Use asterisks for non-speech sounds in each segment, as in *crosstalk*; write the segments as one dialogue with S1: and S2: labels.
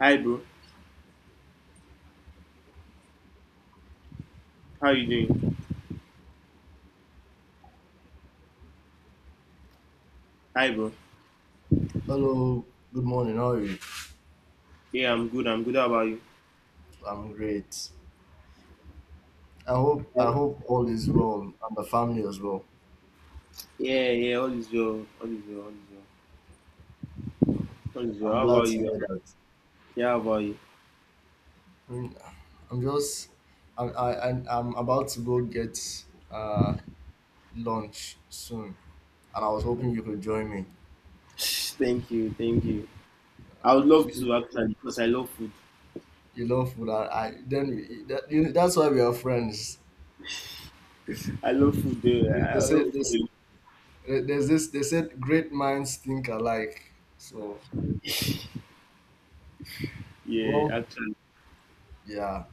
S1: Hi, bro. How you doing? Hi, bro.
S2: Hello, good morning. How are you?
S1: Yeah, I'm good. I'm good. How about you?
S2: I'm great. I hope all is well and the family as well.
S1: Yeah, yeah. All is well. All is well. All is well. All is well.
S2: I'm
S1: How
S2: glad
S1: about
S2: to
S1: you?
S2: hear that.
S1: Yeah, how about you?
S2: I mean, I'm just I I'm about to go get uh lunch soon, and I was hoping you
S1: *laughs*
S2: could join me.
S1: Thank you. Thank you. I would love
S2: You
S1: to actually because I love food.
S2: you love food. I then we- that, you, that's why we are friends.
S1: I love food. I
S2: They say
S1: love
S2: this.
S1: food. Eh.
S2: There's this. They said great minds think alike.
S1: Yeah,
S2: Well,
S1: actually,
S2: yeah.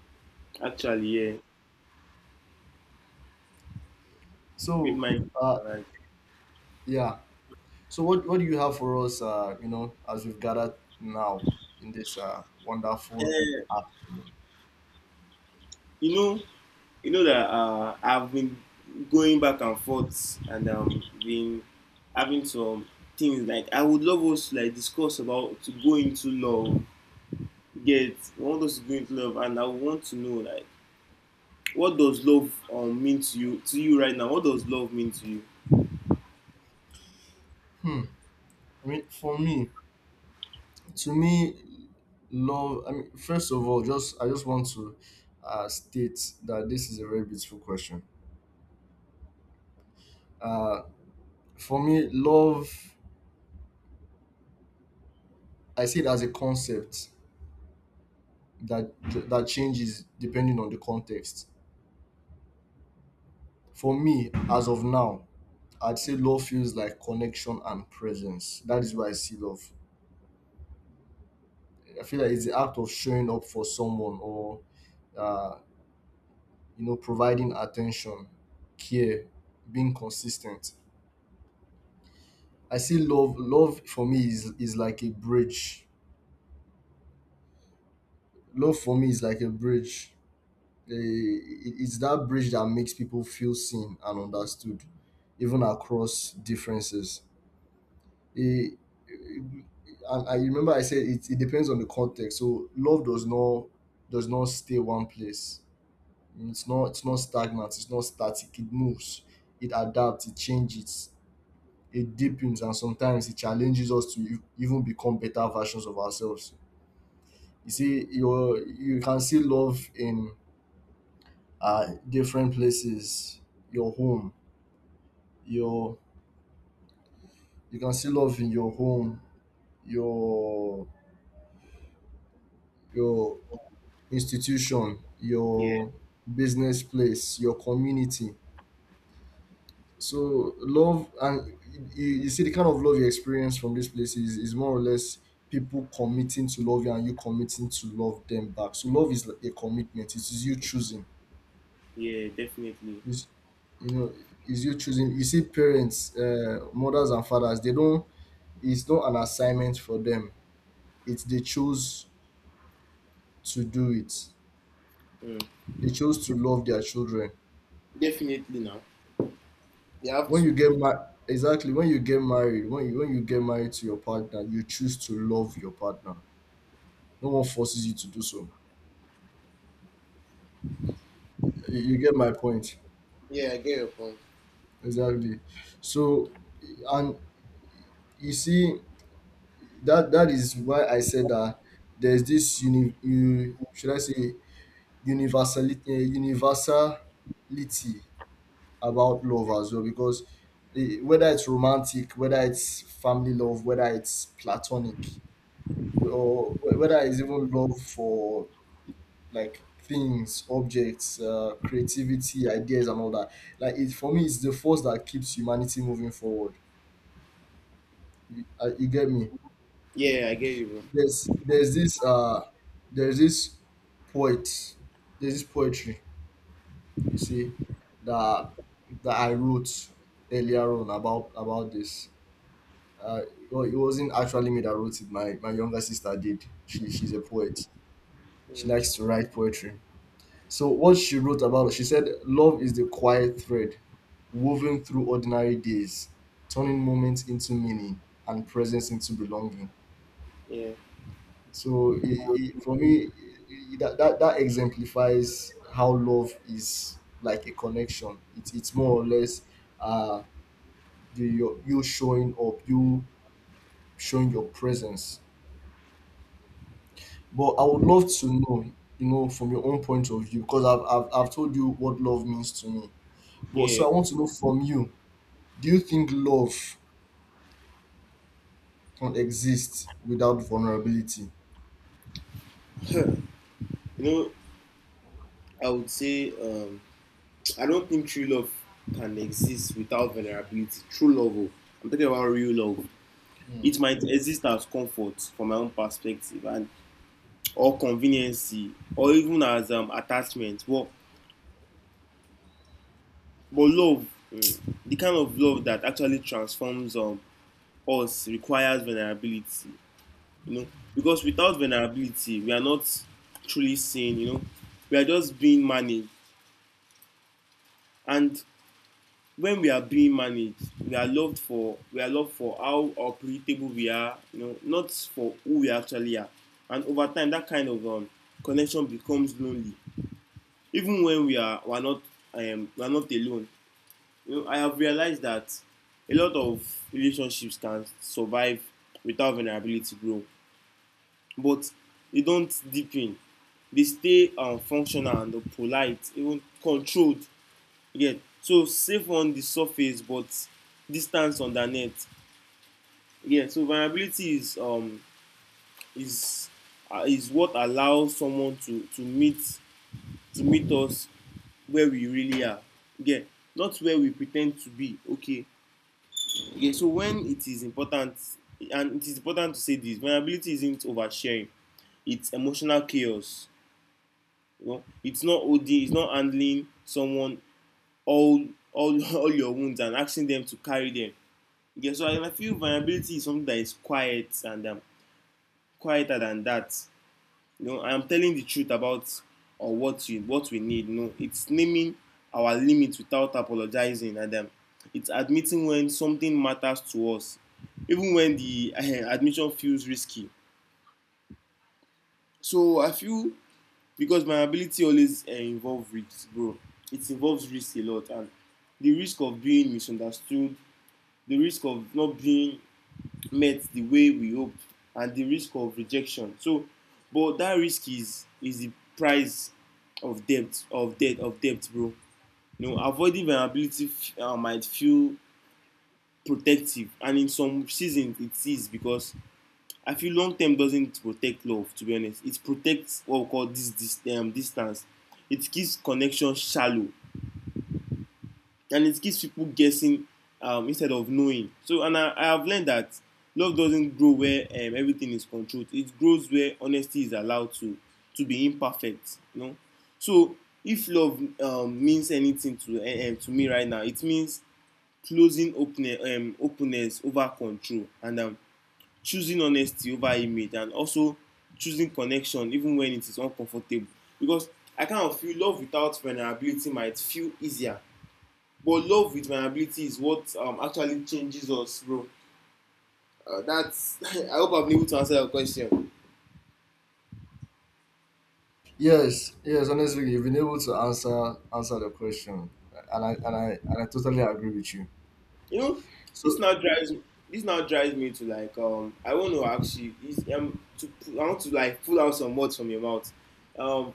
S1: actually, yeah. With
S2: So
S1: my,
S2: uh, yeah. So what do you have for us? As we've gathered now in this wonderful
S1: eh,
S2: afternoon.
S1: you know, you know that I've been going back and forth and been having some things like I would love us to like discuss about to go into love. Get I want us to go into love, and I want to know like what does love mean to you right now? What does love mean to you?
S2: Hmm. I mean, for me, to me, love. I mean, first of all, just I just want to state that this is a very beautiful question. Uh, Love. I see it as a concept that that changes depending on the context. For me, as of now, I'd say love feels like connection and presence. That is why I see love. I feel like it's the act of showing up for someone or uh, you know, providing attention, care, being consistent. I see love. Love for me is like a bridge. Love for me is like a bridge. Eh, It's that bridge that makes people feel seen and understood, even across differences. Eh, eh, and I remember I said it, it depends on the context. So love does not stay one place. It's not stagnant, it's not static, it moves, it adapts, it changes, it deepens, and sometimes it challenges us to even become better versions of ourselves. You see, you can see love in different places, your home, your you can see love in your home, your your institution,
S1: Yeah,
S2: your business place, your community. So love and You see the kind of love you experience from these places is more or less people committing to love you and you committing to love them back. So love is like a commitment. It is you choosing.
S1: yeah, definitely,
S2: It's, you know, is you choosing. You see parents, mothers and fathers, they don't, it's not an assignment for them. It's, they choose to do it.
S1: mm.
S2: They chose to love their children.
S1: Definitely now. You have
S2: When you
S1: to.
S2: get married exactly when you get married, when you get married to your partner, you choose to love your partner. No one forces you to do so. You get my point.
S1: Yeah, I get your point.
S2: Exactly. So, and you see, that is why I said that there's this should I say universality about love as well, because whether it's romantic, whether it's family love, whether it's platonic, or whether it's even love for like things, objects, creativity, ideas, and all that. Like it For me, it's the force that keeps humanity moving forward. You get me?
S1: Yeah, I get you, bro.
S2: There's there's this uh there's this poet there's this poetry you see that that I wrote earlier on about this. Uh, it wasn't actually me that wrote it. My younger sister did. She's a poet. She
S1: Mm.
S2: likes to write poetry. So what she wrote about, she said, love is the quiet thread woven through ordinary days, turning moments into meaning and presence into belonging.
S1: Yeah,
S2: So for me, that exemplifies how love is like a connection. It's more or less uh you showing up, you showing your presence. But I would love to know, you know, from your own point of view, because I've told you what love means to me. But so
S1: yeah.
S2: I want
S1: You
S2: to know from you, do you think love can exist without vulnerability?
S1: know, I would say I don't think true love can exist without vulnerability. True love, oh, I'm talking about real love.
S2: Hmm.
S1: It might exist as comfort from my own perspective, and or convenience, or even as attachment. But love, mm, the kind of love that actually transforms us requires vulnerability. You know, because without vulnerability, we are not truly seen. You know, we are just being managed, and when we are being managed, we are loved for how operatable we are, you know, not for who we actually are. And over time, that kind of connection becomes lonely. Even when we are not alone. You know, I have realized that a lot of relationships can survive without vulnerability grow, but they don't deepen. They stay functional and polite, even controlled. Yeah, so safe on the surface but distance on the net. Yeah, so vulnerability is is what allows someone to to meet us where we really are. Yeah, not where we pretend to be okay. Yeah, so when it is important, and it is important to say, this vulnerability isn't oversharing, it's emotional chaos. You know, it's not handling someone all all *laughs* all your wounds and asking them to carry them. Yeah, so I feel vulnerability is something that is quiet and quieter than that. You know, I'm telling the truth about or what we need. You know, it's naming our limits without apologizing, and it's admitting when something matters to us, even when the admission feels risky. So I feel because vulnerability always involves risks, bro. It involves risk a lot, and the risk of being misunderstood, the risk of not being met the way we hope, and the risk of rejection. So but that risk is the price of debt bro. You know, avoiding vulnerability might feel protective, and in some seasons it is, because I feel long term doesn't protect love, to be honest. It protects what we call this this distance. It keeps connection shallow, and it keeps people guessing instead of knowing. So, and I have learned that love doesn't grow where everything is controlled. It grows where honesty is allowed to be imperfect. You know, so if love means anything to me right now, it means openness over control, and choosing honesty over image, and also choosing connection even when it is uncomfortable. Because I kind of feel love without vulnerability might feel easier, but love with my ability is what actually changes us, bro. That's *laughs* I hope I've been able to answer your question.
S2: Yes, yes. Honestly, you've been able to answer the question, and I totally agree with you.
S1: You know, this
S2: So,
S1: now drives me- this now drives me to like I want to ask you is I want to like pull out some words from your mouth. Um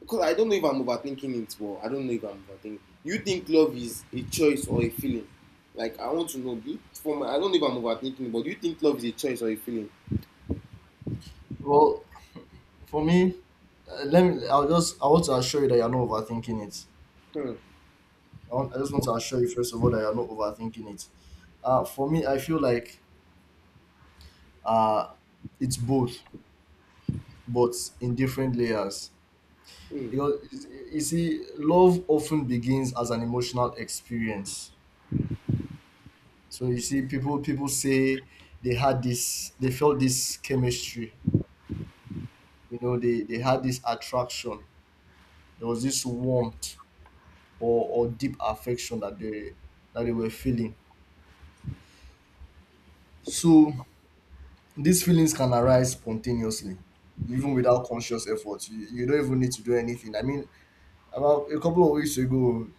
S1: because I don't know if I'm overthinking it, but I don't know if I'm overthinking. You think love is a choice or a feeling? Like I want to know. Do you, from I don't know if I'm overthinking, but do you think love is a choice or a feeling?
S2: well, for me, let me. I'll just. I want to assure you that you're not overthinking it.
S1: Hmm.
S2: I just want to assure you, first of all, that you're not overthinking it. For me, I feel like, uh, it's both, but in different layers.
S1: Hmm.
S2: Because you see, love often begins as an emotional experience. So you see, people say they had this, they felt this chemistry. You know, they had this attraction. There was this warmth or deep affection that they were feeling. So these feelings can arise spontaneously, even without conscious effort. You don't even need to do anything. I mean, about a couple of weeks ago,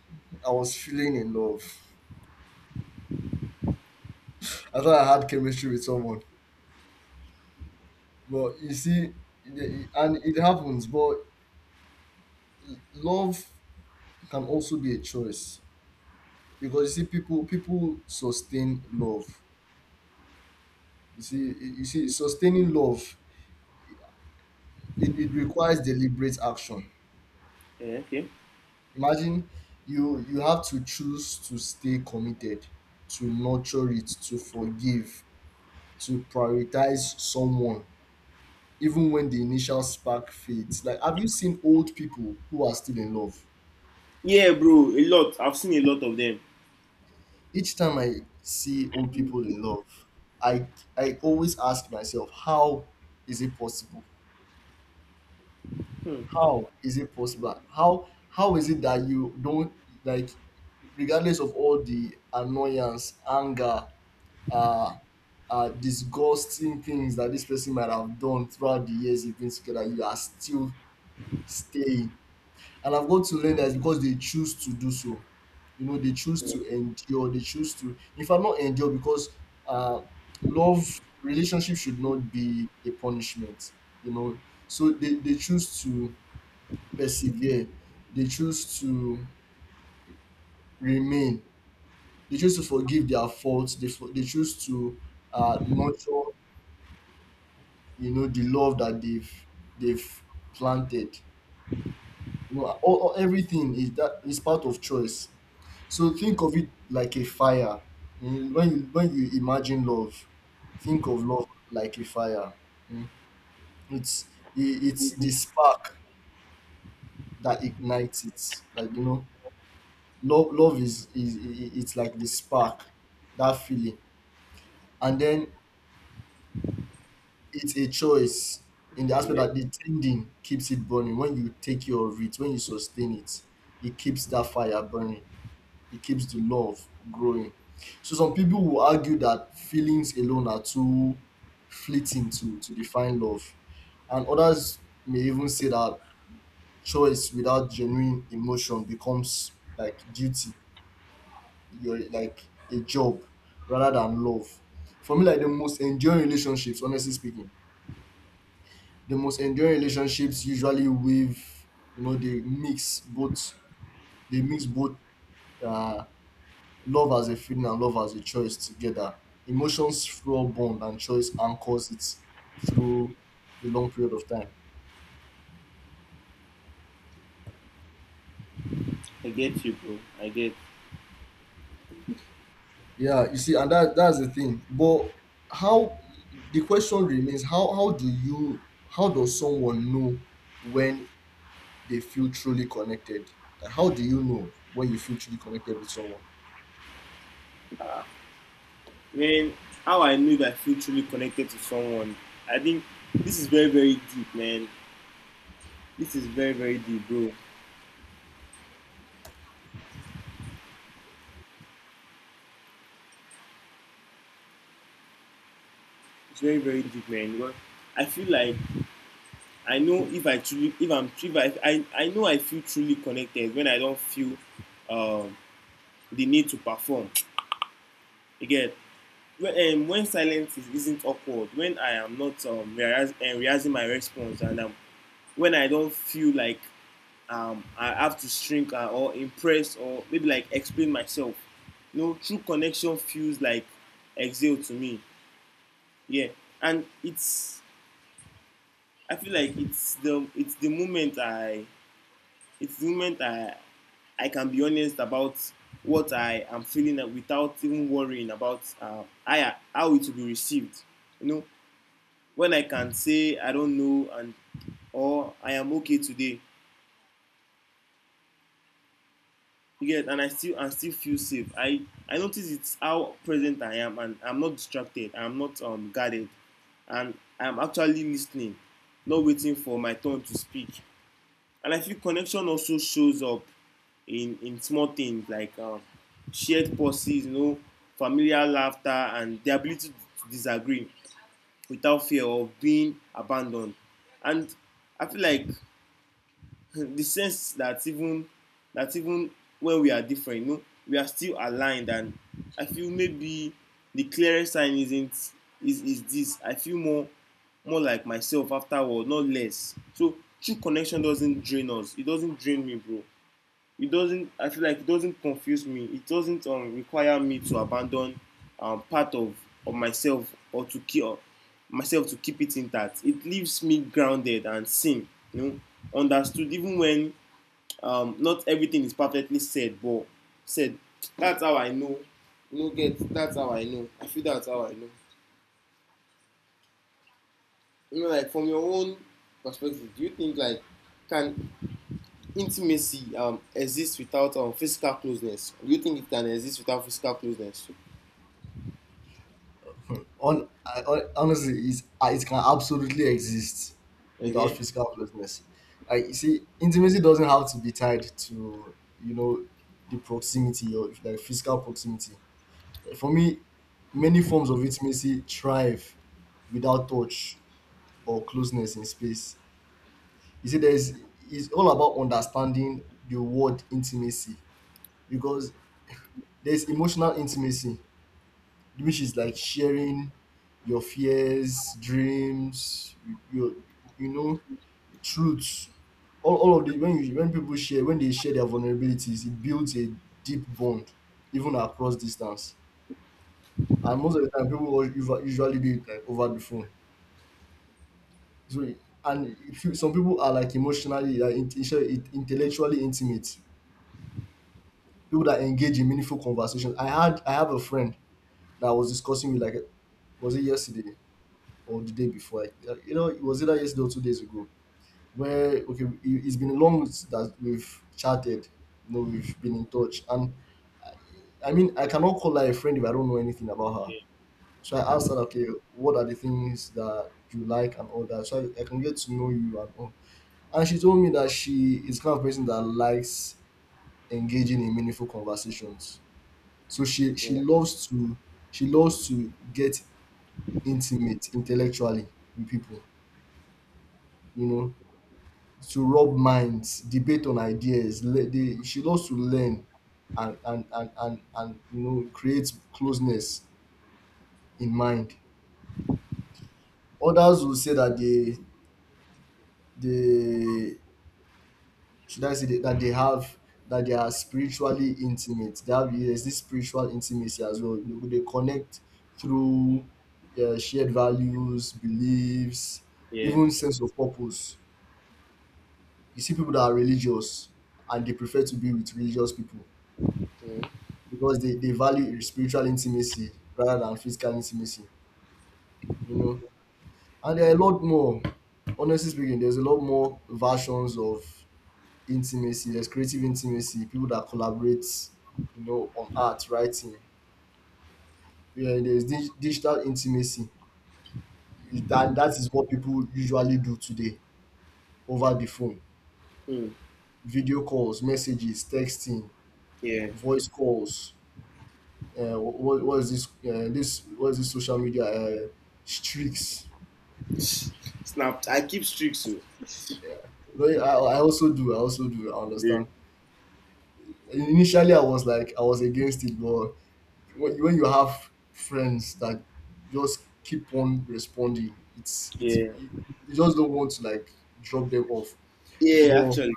S2: I was feeling in love. I thought I had chemistry with someone, but you see, and it happens. But love can also be a choice, because you see people sustain love. You see sustaining love, it requires deliberate action.
S1: Yeah, okay.
S2: Imagine you have to choose to stay committed, to nurture it, to forgive, to prioritize someone, even when the initial spark fades. Like, have you seen old people who are still in love?
S1: Yeah, bro, a lot. I've seen a lot of them.
S2: Each time I see old people in love, i I always ask myself, how is it possible?
S1: Hmm.
S2: How is it possible? How is it that you don't, like, regardless of all the annoyance, anger, uh, disgusting things that this person might have done throughout the years you've been together, you are still staying. And I've got to learn that it's because they choose to do so. You know, they choose to endure. They choose to, if I'm not endure, because uh, love relationship should not be a punishment. You know, so they choose to persevere. They choose to remain. They choose to forgive their faults. They choose to nurture, you know, the love that they've planted. You know, all- everything is that is part of choice. So think of it like a fire. Mm, when you, when you imagine love, think of love like a fire. Mm. It's the spark that ignites it. Like, you know, love is, it's like the spark, that feeling, and then it's a choice, in the aspect
S1: Yeah,
S2: that the tending keeps it burning. When you take care of it, when you sustain it, it keeps that fire burning, it keeps the love growing. So some people will argue that feelings alone are too fleeting to define love, and others may even say that choice without genuine emotion becomes like duty, your like a job, rather than love. For me, like the most enduring relationships, honestly speaking, the most enduring relationships usually, with you know, they mix both uh, love as a feeling and love as a choice together. Emotions fuel bond and choice anchors it through a long period of time.
S1: I get you, bro. I get.
S2: Yeah, you see, and that's the thing. But how, the question remains: how do you, how does someone know when they feel truly connected? Like, how do you know when you feel truly connected with someone?
S1: Man, how I knew that I feel truly connected to someone. I think this is very, very deep, man. This is very, very deep, bro. It's very, very deep, man. Because I feel like I know if I truly, if I'm, if I, I know I feel truly connected when I don't feel um, the need to perform. Again, when silence is, isn't awkward, when I am not realizing my response, and when I don't feel like I have to shrink or impress or maybe like explain myself. You know, true connection feels like exhale to me. Yeah, and it's I feel like it's the moment it's the moment I I can be honest about what I am feeling without even worrying about how it will be received. You know, when I can say I don't know, and or I am okay today. You get, and I still feel safe. I notice it's how present I am, and I'm not distracted. I'm not guarded, and I'm actually listening, not waiting for my turn to speak. And I feel connection also shows up in small things like shared pauses, you know, familiar laughter, and the ability to disagree without fear of being abandoned. And I feel like *laughs* the sense that even when we are different, you know, we are still aligned. And I feel maybe the clearest sign isn't is this. I feel more like myself afterward, not less. So true connection doesn't drain us. It doesn't drain me, bro. It doesn't, I feel like it doesn't confuse me, it doesn't require me to abandon um, part of, of myself or to keep or myself to keep it intact. It leaves me grounded and seen, you know, understood even when not everything is perfectly said but said. That's how I know, you know. Get, that's how I know, you know. Like from your own perspective, do you think like can intimacy exists without physical closeness? Do you think it can exist without physical closeness?
S2: Hon- honestly, it can absolutely exist without
S1: Okay.
S2: physical closeness. Like, you see, intimacy doesn't have to be tied to, you know, the proximity, or if like physical proximity. For me, many forms of intimacy thrive without touch or closeness in space. You see, there's it's all about understanding the word intimacy, because there's emotional intimacy, which is like sharing your fears, dreams, your, you know, truths. All of the When you, when people share, when they share their vulnerabilities, it builds a deep bond, even across distance. And most of the time, people usually do it like over the phone. So, and if you, some people are like emotionally, like intellectually intimate. People that engage in meaningful conversations. I have a friend that I was discussing with, like, was it yesterday? Or the day before. I- You know, it was either yesterday or two days ago. Where, okay, it- it's been long that we've chatted. You know, we've been in touch, and I mean, I cannot call her a friend if I don't know anything about her. So I asked her, okay, what are the things that you like and all that, so I can get to know you and all. And she told me that she is the kind of person that likes engaging in meaningful conversations. So she
S1: Yeah.
S2: loves to, she loves to get intimate intellectually with people. You know, to rub minds, debate on ideas. She loves to learn and, and, you know, create closeness in mind. Others will say that they, should I say, that that they have that they are spiritually intimate. They have there's this spiritual intimacy as well. You know, they connect through shared values, beliefs,
S1: Yeah.
S2: even sense of purpose. You see people that are religious and they prefer to be with religious people
S1: Mm.
S2: because they value spiritual intimacy rather than physical intimacy, you know. And there are a lot more, honestly speaking, there's a lot more versions of intimacy. There's creative intimacy, people that collaborate, you know, on art, writing. Yeah, there's digital intimacy. That is what people usually do today over the phone.
S1: Mm.
S2: Video calls, messages, texting,
S1: Yeah.
S2: voice calls. What is this? This, what is this social media streaks?
S1: Snapped. I keep streaks. So.
S2: No, I also do. I also do. I
S1: Yeah.
S2: understand. Initially, I was like, I was against it, but when you have friends that just keep on responding, it's
S1: Yeah.
S2: you you just don't want to like drop them off.
S1: Yeah,
S2: But
S1: actually.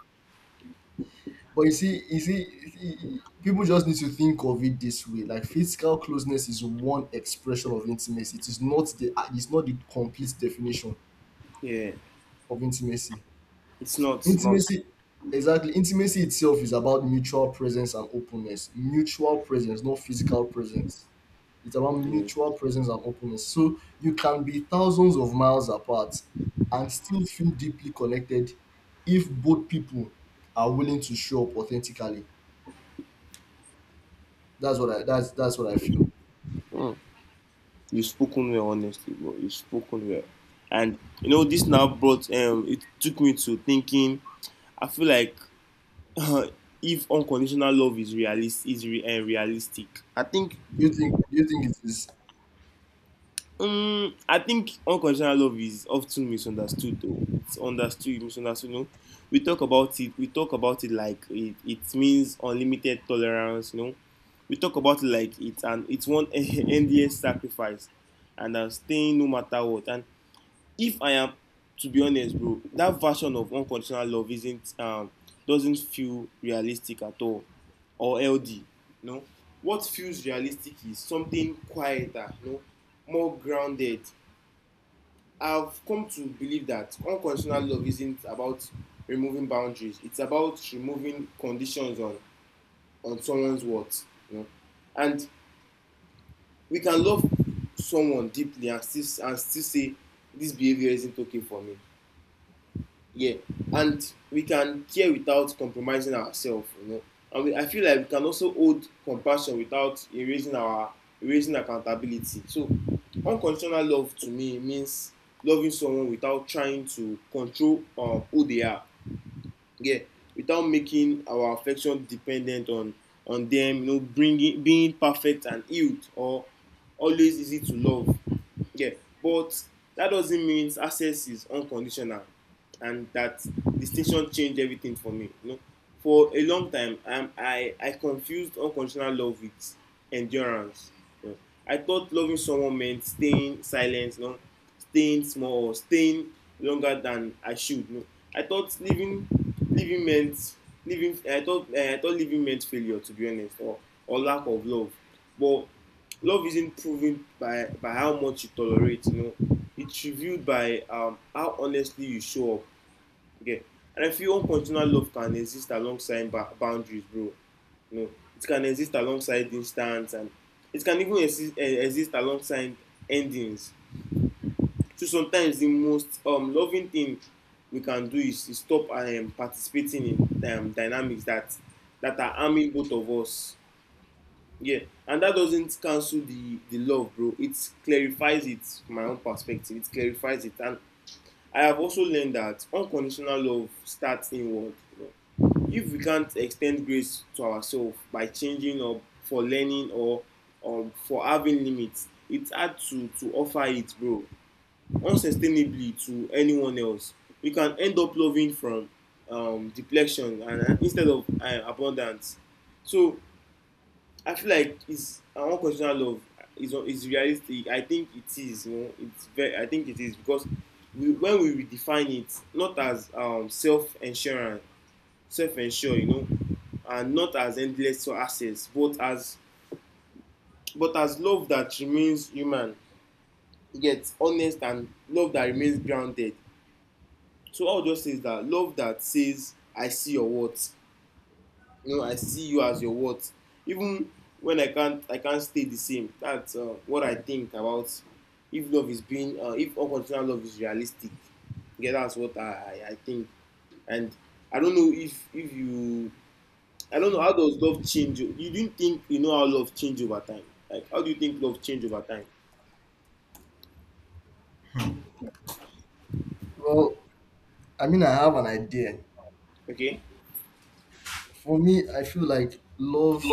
S2: but you see, you see, you see, people just need to think of it this way. Like physical closeness is one expression of intimacy. It is not the it's not the complete definition
S1: Yeah.
S2: of intimacy.
S1: It's not. It's not.
S2: Intimacy, exactly. Intimacy itself is about mutual presence and openness. Mutual presence, not physical presence. It's about
S1: Yeah.
S2: mutual presence and openness. So you can be thousands of miles apart and still feel deeply connected if both people are willing to show up authentically. That's that's what I feel.
S1: Mm. You've spoken well, honestly, bro. You've spoken well. And, you know, this now brought, it took me to thinking, I feel like *laughs* if unconditional love is realistic, I think.
S2: Do you think it is?
S1: I think unconditional love is often misunderstood though. Misunderstood. You know, We talk about it like it means unlimited tolerance. You know, we talk about it like it's one *laughs* endless sacrifice, and I'm staying no matter what. And if I am to be honest, bro, that version of unconditional love isn't doesn't feel realistic at all. Or LD. No. What feels realistic is something quieter, you know, more grounded. I've come to believe that unconditional love isn't about removing boundaries. It's about removing conditions on someone's words. You know? And we can love someone deeply and still say this behavior isn't okay for me. Yeah, and we can care without compromising ourselves, you know. And we, I feel like we can also hold compassion without erasing accountability. So, unconditional love to me means loving someone without trying to control who they are. Yeah, without making our affection dependent on them, you know, bringing being perfect and healed or always easy to love. Yeah, but that doesn't mean access is unconditional, and that distinction changed everything for me. You know, for a long time, I confused unconditional love with endurance. You know, I thought loving someone meant staying silent, you know, staying small, or staying longer than I should. You know, I thought living living meant living. I thought living meant failure, to be honest, or lack of love. But love isn't proven by how much you tolerate, you know. It's revealed by how honestly you show up. Okay. And I feel unconditional love can exist alongside boundaries, bro. You know, it can exist alongside instance, and it can even exist alongside endings. So sometimes the most loving thing we can do is stop participating in dynamics that are harming both of us. Yeah, and that doesn't cancel the love, bro. It clarifies it from my own perspective. It clarifies it, and I have also learned that unconditional love starts inward. You know? If we can't extend grace to ourselves by changing or for learning or for having limits, it's hard to offer it, bro, unsustainably to anyone else. We can end up loving from depletion and instead of abundance. So I feel like it's an unconditional love. It's realistic. I think it is. You know, it's very. I think it is because when we redefine it, not as self-insurance, self-insure, you know, and not as endless access, but as love that remains human, gets honest and love that remains grounded. So I'll just say is that love that says I see your worth, you know, I see you as your worth even when I can't stay the same. That's what I think about if love is being if unconditional love is realistic. Yeah, that's what I I think. And I don't know if you, I don't know how does love change you didn't think, you know, how love change over time. Like how do you think love change over time?
S2: Well, I mean, I have an idea.
S1: Okay.
S2: For me, I feel like love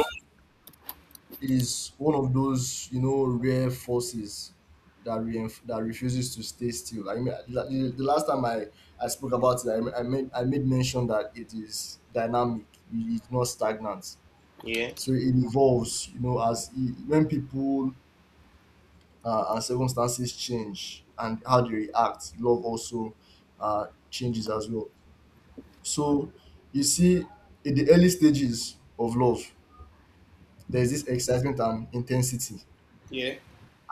S2: is one of those, you know, rare forces that refuses to stay still. I mean, the last time I spoke about it, I, I made mention that it is dynamic. It- It's not stagnant.
S1: Yeah.
S2: So it evolves. You know, as I when people and circumstances change and how they react, love also changes as well. So you see, in the early stages of love, there's this excitement and intensity.
S1: Yeah.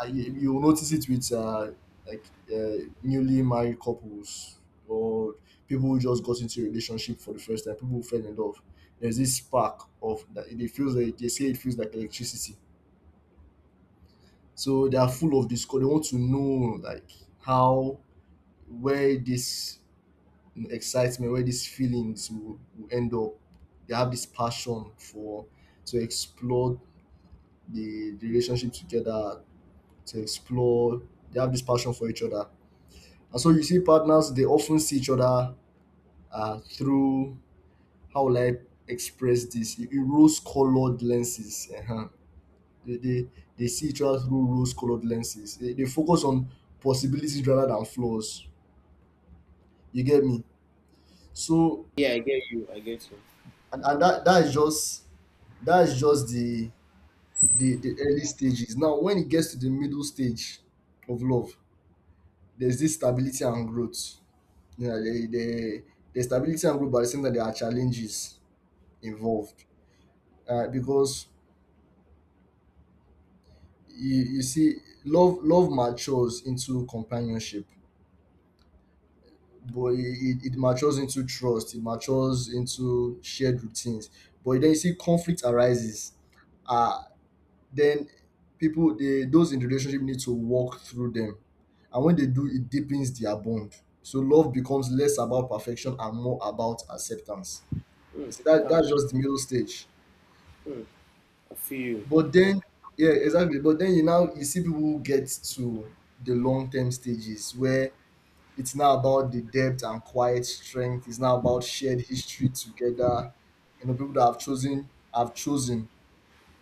S2: I, you will notice it with like newly married couples or people who just got into a relationship for the first time, people who fell in love. There's this spark of that it feels like, they say it feels like electricity. So they are full of this. They want to know like how where this excitement, where these feelings will end up. They have this passion for to explore the relationship together, to explore. They have this passion for each other. And so you see partners, they often see each other through, how will I express this? Rose colored lenses. Uh-huh. They, they, they see each other through rose colored lenses. They focus on possibilities rather than flaws. You get me? So,
S1: Yeah, I get you, I get you.
S2: and that is just that is just the, the early stages. Now when it gets to the middle stage of love, there's this stability and growth. Yeah, the stability and growth, but at the same time there are challenges involved, because you see love love matures into companionship, but it matures into trust, it matures into shared routines. But then you see conflict arises, uh then people, they those in the relationship need to walk through them, and when they do, it deepens their bond. So love becomes less about perfection and more about acceptance.
S1: Mm.
S2: You see, that's
S1: That's
S2: just the middle stage.
S1: mm, I feel you.
S2: But then, yeah, exactly. But then you now, you see people who get to the long term stages where it's now about the depth and quiet strength. It's now about shared history together. You know, people that have chosen,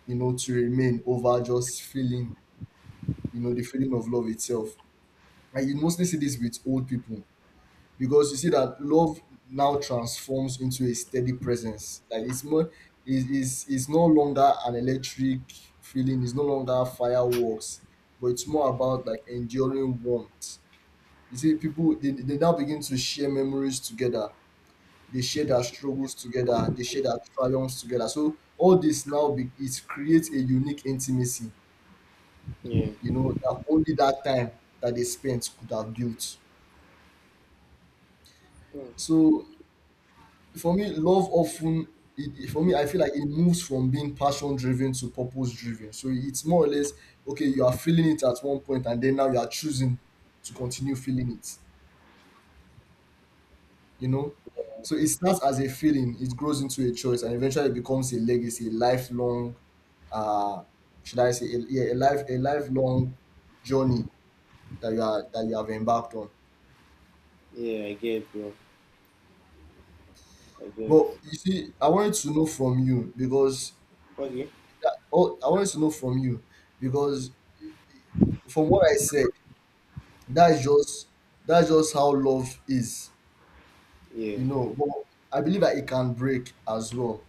S2: you know, to remain over just feeling, you know, the feeling of love itself. And you mostly see this with old people because you see that love now transforms into a steady presence. Like it's more, is it's no longer an electric feeling. It's no longer fireworks, but it's more about like enduring warmth. You see, people they now begin to share memories together. They share their struggles together. They share their triumphs together. So all this now it creates a unique intimacy.
S1: Yeah.
S2: You know that only that time that they spent could have built.
S1: Mm.
S2: So for me, love often for me, I feel like it moves from being passion driven to purpose driven. So it's more or less okay, you are feeling it at one point, and then now you are choosing to continue feeling it, you know? So it starts as a feeling, it grows into a choice, and eventually it becomes a legacy, a lifelong uh should I say a, yeah, a life a lifelong journey that you are that you have embarked on.
S1: Yeah, I get bro, I get.
S2: But you see, I wanted to know from you because
S1: Okay.
S2: oh, I wanted to know from you because from what I said, that's just that's just how love is,
S1: Yeah.
S2: you know. But I believe that it can break as well.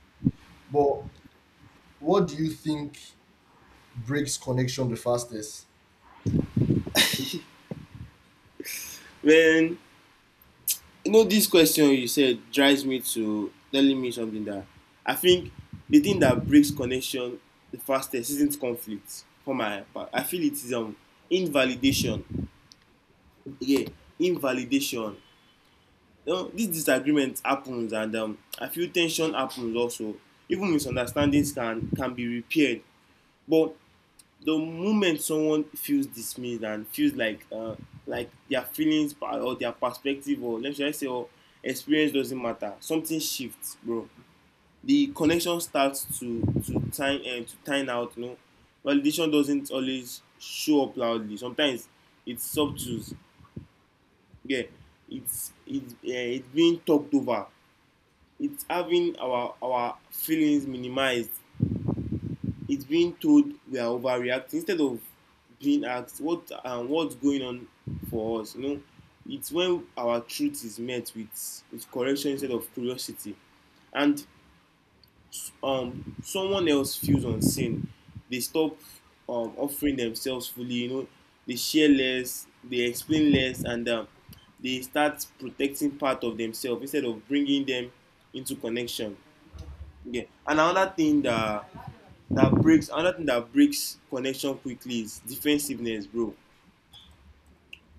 S2: But what do you think breaks connection the fastest?
S1: When, you know, this question you said drives me to telling me something that I think the thing that breaks connection the fastest isn't conflict for my part. I feel it is invalidation. Yeah, invalidation. You know, this disagreement happens and I feel tension happens also. Even misunderstandings can be repaired. But the moment someone feels dismissed and feels like their feelings or their perspective or let's just say or experience doesn't matter, something shifts, bro. The connection starts to time and to time out, you know. Validation doesn't always show up loudly. Sometimes it's subtle. Yeah, it's being talked over. It's having our feelings minimized. It's being told we are overreacting instead of being asked what and what's going on for us, you know. It's when our truth is met with correction instead of curiosity. And someone else feels unseen, they stop offering themselves fully, you know. They share less, they explain less, and they start protecting part of themselves instead of bringing them into connection. Yeah, and another thing that breaks connection quickly is defensiveness, bro.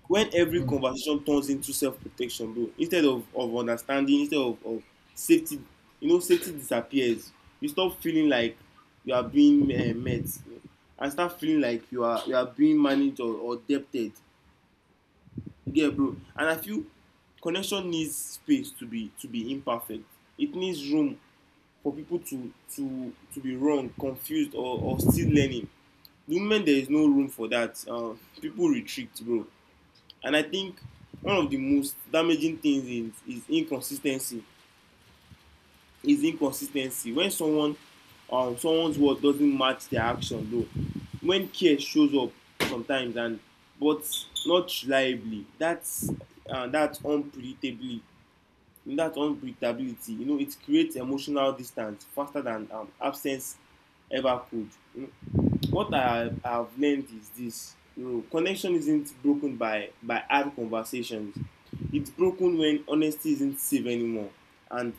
S1: When every
S2: Mm,
S1: conversation turns into self-protection, bro, instead of understanding, instead of safety, you know, safety disappears. You stop feeling like you are being met and start feeling like you are being managed or debted. You get it, bro? And I feel connection needs space to be imperfect. It needs room for people to be wrong, confused or still learning. Women, there is no room for that, people retreat, bro. And I think one of the most damaging things is inconsistency, is inconsistency. When someone, someone's word doesn't match their action, bro. When care shows up sometimes and but not reliably, that's unpredictably. That unpredictability, you know, it creates emotional distance faster than absence ever could, you know. What I have learned is this: you know, connection isn't broken by hard conversations. It's broken when honesty isn't safe anymore, and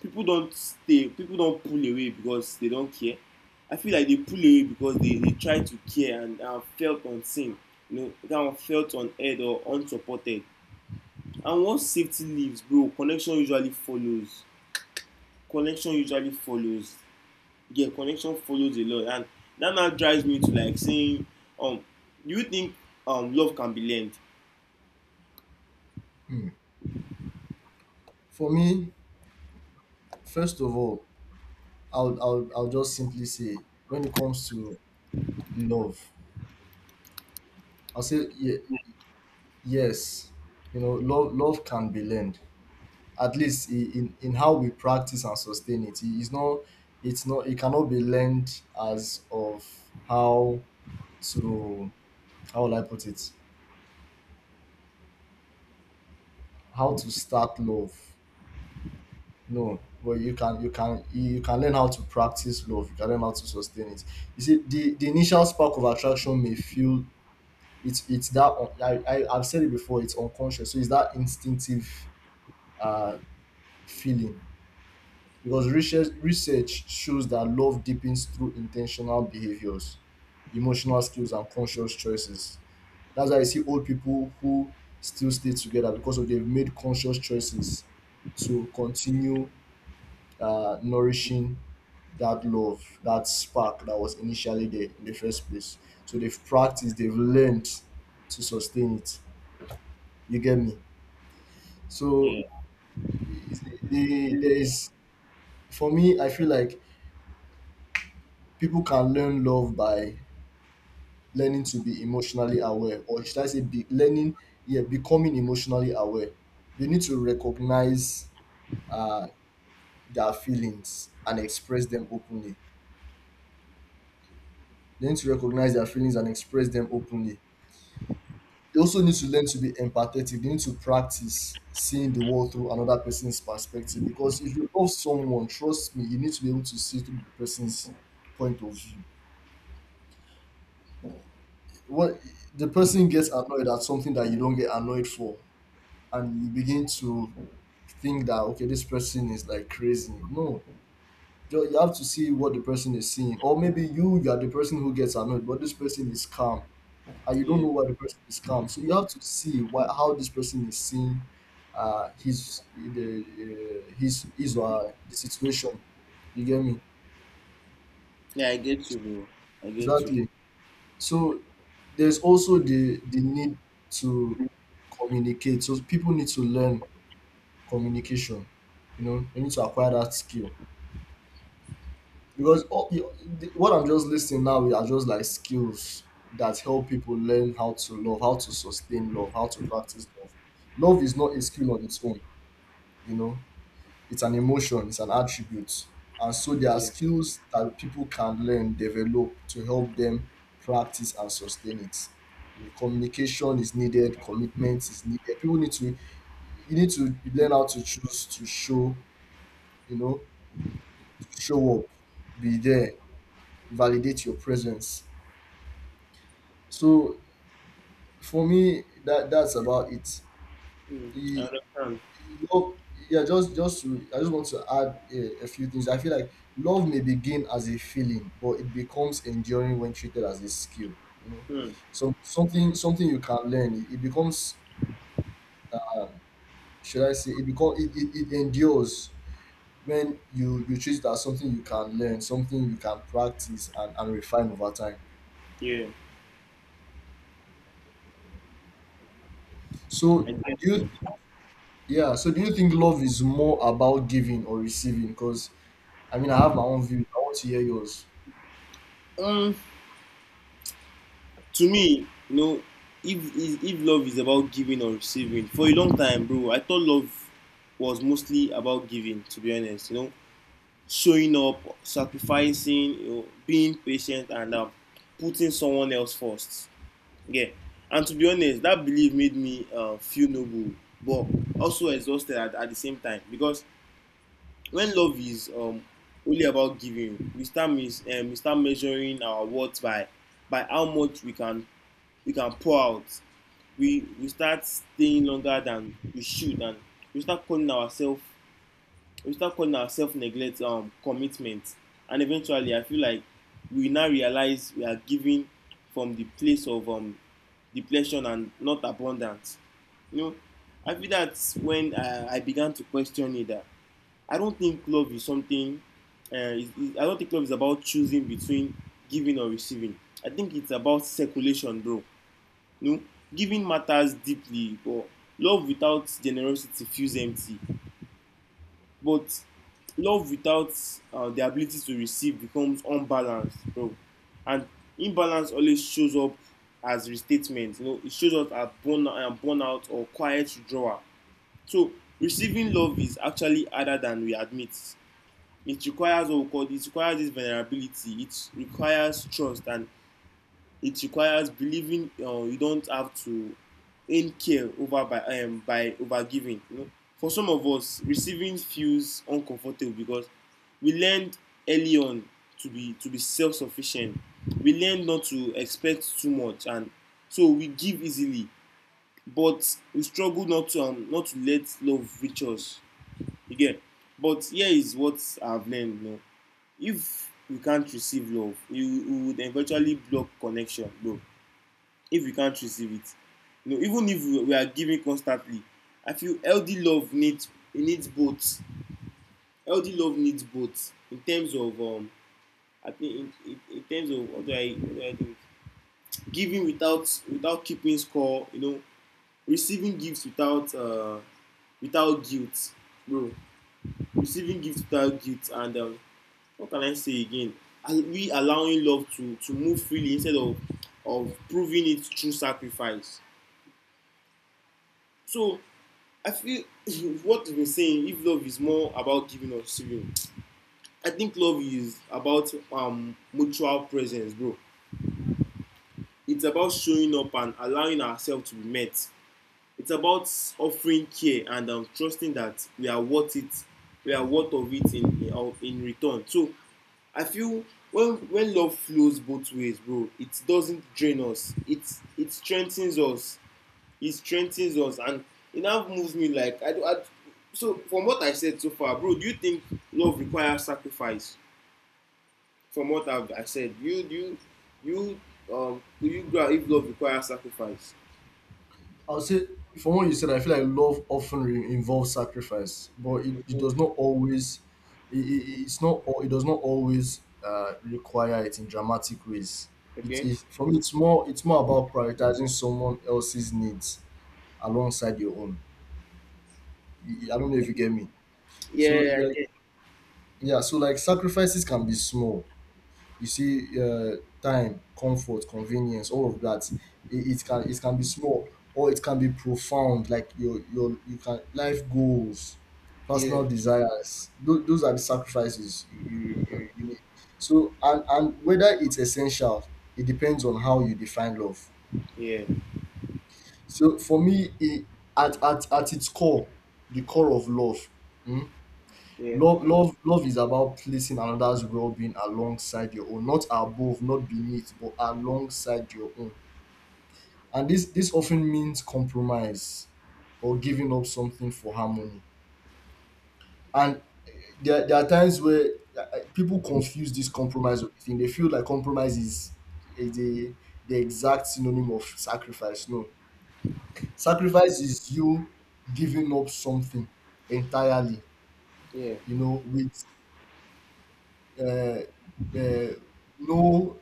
S1: people don't stay. People don't pull away because they don't care. I feel like they pull away because they try to care and are felt unseen. You know, kind of felt unheard or unsupported. And once safety leaves, bro, connection usually follows. Connection usually follows. Yeah, connection follows a lot. And that now drives me to like saying, um do you think love can be learned?
S2: mm. For me, first of all, I'll just simply say, when it comes to love, I'll say yes. You know, love love can be learned, at least in how we practice and sustain it. It's not it's not, it cannot be learned as of how to, how will I put it? How to start love. No. But you can you can learn how to practice love. You can learn how to sustain it. You see, the initial spark of attraction may feel it's that I I've said it before. It's unconscious, so it's that instinctive uh, feeling. Because research shows that love deepens through intentional behaviors, emotional skills, and conscious choices. That's why you see old people who still stay together because of they've made conscious choices to continue nourishing that love, that spark that was initially there in the first place. So they've practiced, they've learned to sustain it. You get me? So
S1: Yeah.
S2: there is, for me, I feel like people can learn love by learning to be emotionally aware, or should I say, be learning, yeah, becoming emotionally aware. They need to recognize uh, their feelings and express them openly. They need to recognize their feelings and express them openly. They also need to learn to be empathetic. They need to practice seeing the world through another person's perspective. Because if you love someone, trust me, you need to be able to see through the person's point of view. What, the person gets annoyed at something that you don't get annoyed for, and you begin to think that okay, this person is like crazy. No, you have to see what the person is seeing. Or maybe you, you are the person who gets annoyed but this person is calm, and you don't
S1: Yeah.
S2: know why the person is calm, so you have to see why, how this person is seeing his the his or her- the situation. You get me?
S1: Yeah, I get you, bro, I get you.
S2: Exactly. So there's also the need to communicate. So people need to learn communication. You know, you need to acquire that skill, because the, what I'm just listing now are just like skills that help people learn how to love, how to sustain love, how to practice love. Love is not a skill on its own. You know, it's an emotion, it's an attribute, and so there are
S1: Yeah.
S2: skills that people can learn, develop to help them practice and sustain it. Communication is needed, commitment is needed. People need to, you need to learn how to choose to show, you know, show up, be there, validate your presence. So for me, that's about it.
S1: Mm, I
S2: E-
S1: understand.
S2: Love, yeah, just to, I just want to add a few things. I feel like love may begin as a feeling, but it becomes enduring when treated as a skill. You know,
S1: Mm.
S2: so something you can learn. It becomes, should I say, it become it, it, it endures when you treat it as something you can learn, something you can practice and refine over time.
S1: Yeah, I
S2: So
S1: get
S2: do you,
S1: you.
S2: yeah. So do you think love is more about giving or receiving? Because I mean, I have my own view. I want to hear yours.
S1: Um, to me, you know, if love is about giving or receiving, for a long time, bro, I thought love was mostly about giving, to be honest, you know, showing up, sacrificing, you know, being patient and putting someone else first. Yeah. And to be honest, that belief made me feel noble, but also exhausted at the same time. Because when love is only about giving, we start we start measuring our worth by how much we can pour out. We start staying longer than we should, and we start calling ourselves, we start calling our self neglect commitment. And eventually I feel like we now realize we are giving from the place of depletion and not abundance, you know. I feel that when I began to question it that I don't think love is something I don't think love is about choosing between giving or receiving. I think it's about circulation, bro, you know. Giving matters deeply, but love without generosity feels empty. But love without the ability to receive becomes unbalanced, bro. And imbalance always shows up as restatement. You know, it shows up as burnout or quiet withdrawal. So receiving love is actually harder than we admit. It requires what we call, it requires this vulnerability. It requires trust and it requires believing you don't have to earn care over by over giving, you know. For some of us, receiving feels uncomfortable because we learned early on to be self-sufficient. We learned not to expect too much, and so we give easily, but we struggle not to not to let love reach us again. But here is what I've learned, you know. If we can't receive love, we would eventually block connection, bro. If you can't receive it, you know, even if are giving constantly, I feel healthy love needs, it needs both. Healthy love needs both in terms of I think in terms of what do I, what do I do: giving without keeping score, you know, receiving gifts without without guilt, bro, receiving gifts without guilt, and what can I say again, we allowing love to move freely instead of proving it through sacrifice. So I feel *laughs* what we've been saying, if love is more about giving or receiving, I think love is about mutual presence, bro. It's about showing up and allowing ourselves to be met. It's about offering care and trusting that we are worth it, we are worth of it in, in return. So I feel when love flows both ways, bro, it doesn't drain us. It strengthens us. He strengthens us, and it now moves me like I, do- I so from what I said so far, bro, do you think love requires sacrifice? From what I said, you you do you grab if love requires sacrifice?
S2: I would say, from what you said, I feel like love often involves sacrifice, but it does not always. It's not. It does not always require it in dramatic ways. It
S1: Okay.
S2: is for me. It's more about prioritizing someone else's needs alongside your own. You- I don't know if you get me. So
S1: Yeah.
S2: like, yeah. So like, sacrifices can be small, you see, time, comfort, convenience, all of that. It, it can it can be small, or it can be profound, like your you can life goals,
S1: Yeah.
S2: personal desires. Those are the sacrifices you need. So and whether it's essential, it depends on how you define love.
S1: Yeah. Yeah.
S2: So for me, at its core, the core of love, mm,
S1: Yeah.
S2: love, love is about placing another's well-being alongside your own, not above, not beneath, but alongside your own. And this often means compromise or giving up something for harmony. And there are times where people confuse this compromise with thing. They feel like compromise is the exact synonym of sacrifice. No, sacrifice is you giving up something entirely. You know, with Uh, uh, no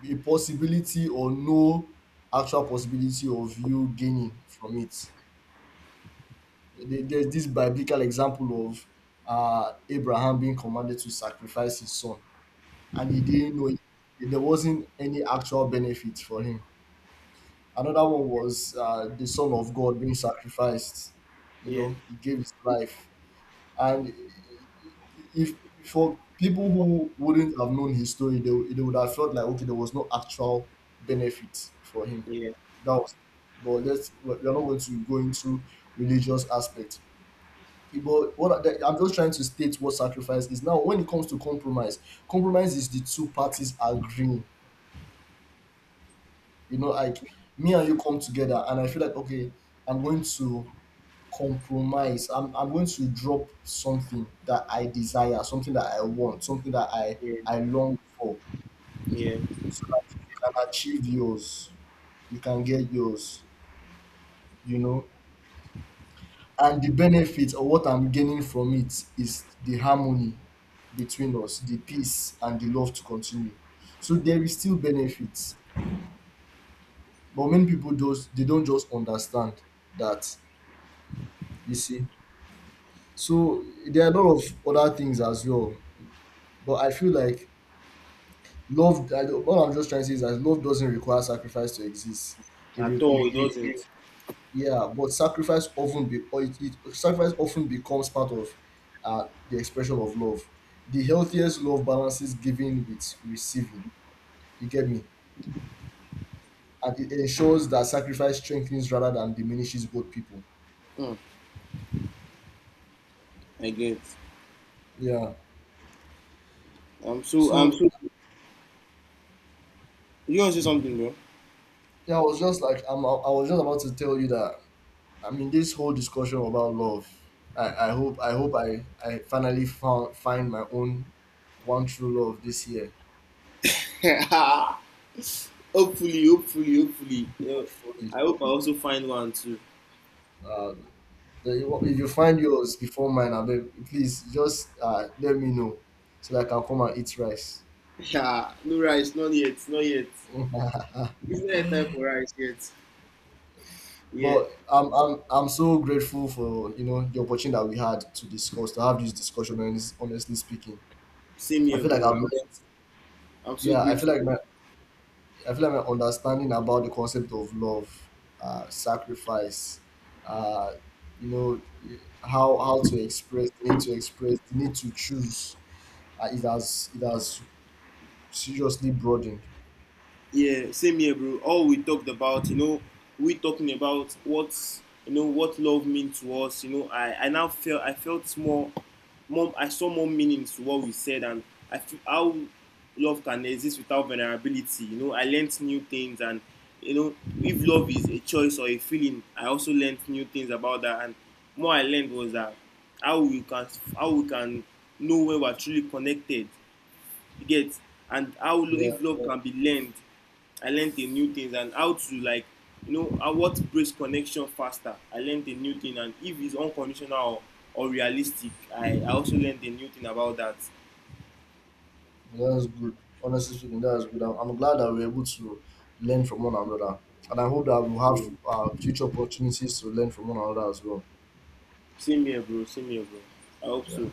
S2: be possibility or no actual possibility of you gaining from it. There's this biblical example of Abraham being commanded to sacrifice his son, and he didn't know it. There wasn't any actual benefit for him. Another one was the son of God being sacrificed. You
S1: Yeah.
S2: know, he gave his life. And if, for people who wouldn't have known his story, they would have felt like, okay, there was no actual benefit for him.
S1: Yeah.
S2: That was, but let's we're not going to go into religious aspects. But what I'm just trying to state what sacrifice is. Now, when it comes to compromise, compromise is the two parties agreeing. You know, like me and you come together, and I feel like, okay, I'm going to compromise. I'm going to drop something that I desire, something that I want, something that i
S1: Yeah.
S2: i long for,
S1: Yeah.
S2: so that you can achieve yours, you can get yours, you know. And the benefit or what I'm gaining from it is the harmony between us, the peace and the love to continue. So there is still benefits, but many people just they don't just understand that, you see. So there are a lot of other things as well, but I feel like love I, don't- all I'm just trying to say is that love doesn't require sacrifice to exist. It,
S1: At
S2: re- it,
S1: all, it
S2: it,
S1: doesn't.
S2: Yeah, but sacrifice often be or it sacrifice often becomes part of the expression of love. The healthiest love balances giving with receiving, you get me, and it ensures that sacrifice strengthens rather than diminishes both people.
S1: Hmm, I get.
S2: Yeah.
S1: I'm so I'm
S2: So
S1: so. You want to say something, bro?
S2: yeah, I was just like, I was just about to tell you that, I mean, this whole discussion about love, I hope I finally found find my own one true love this year.
S1: *laughs* Hopefully, hopefully, hopefully. You know,
S2: Hopefully.
S1: I hope I also find one too.
S2: um, if you find yours before mine, I beg, please just let me know, so that I can come and eat rice.
S1: Yeah, no rice, not yet, not yet.
S2: *laughs*
S1: It's not yet time for rice yet. Yeah,
S2: But I'm so grateful for, you know, the opportunity that we had to have this discussion. Honestly speaking,
S1: same
S2: I
S1: here,
S2: feel like
S1: bro.
S2: I've learned.
S1: I'm so
S2: Yeah, I feel like
S1: grateful.
S2: my I feel like my understanding about the concept of love, sacrifice, uh, you know, how to express, the need to express, the need to choose, it has seriously broadened.
S1: Yeah, same here, bro. All we talked about, you know, we talking about what, you know, what love means to us. You know, I now felt, I felt more, more, I saw more meaning to what we said, and I feel how love can exist without vulnerability. You know, I learned new things, and you know, if love is a choice or a feeling, I also learned new things about that. And more I learned was that how we can how we can know when we're truly connected, you get, and how
S2: Yeah,
S1: if love can be learned, I learned a new thing. And how to like, you know, how, what breaks connection faster, I learned a new thing. And if it's unconditional or realistic, I also learned a new thing about that.
S2: that's good. Honestly speaking, that's good. I'm glad that we're able to learn from one another, and I hope that we'll
S1: Yeah.
S2: have future opportunities to learn from one another as well.
S1: Same here, bro, same here, bro. I hope
S2: Yeah.
S1: so.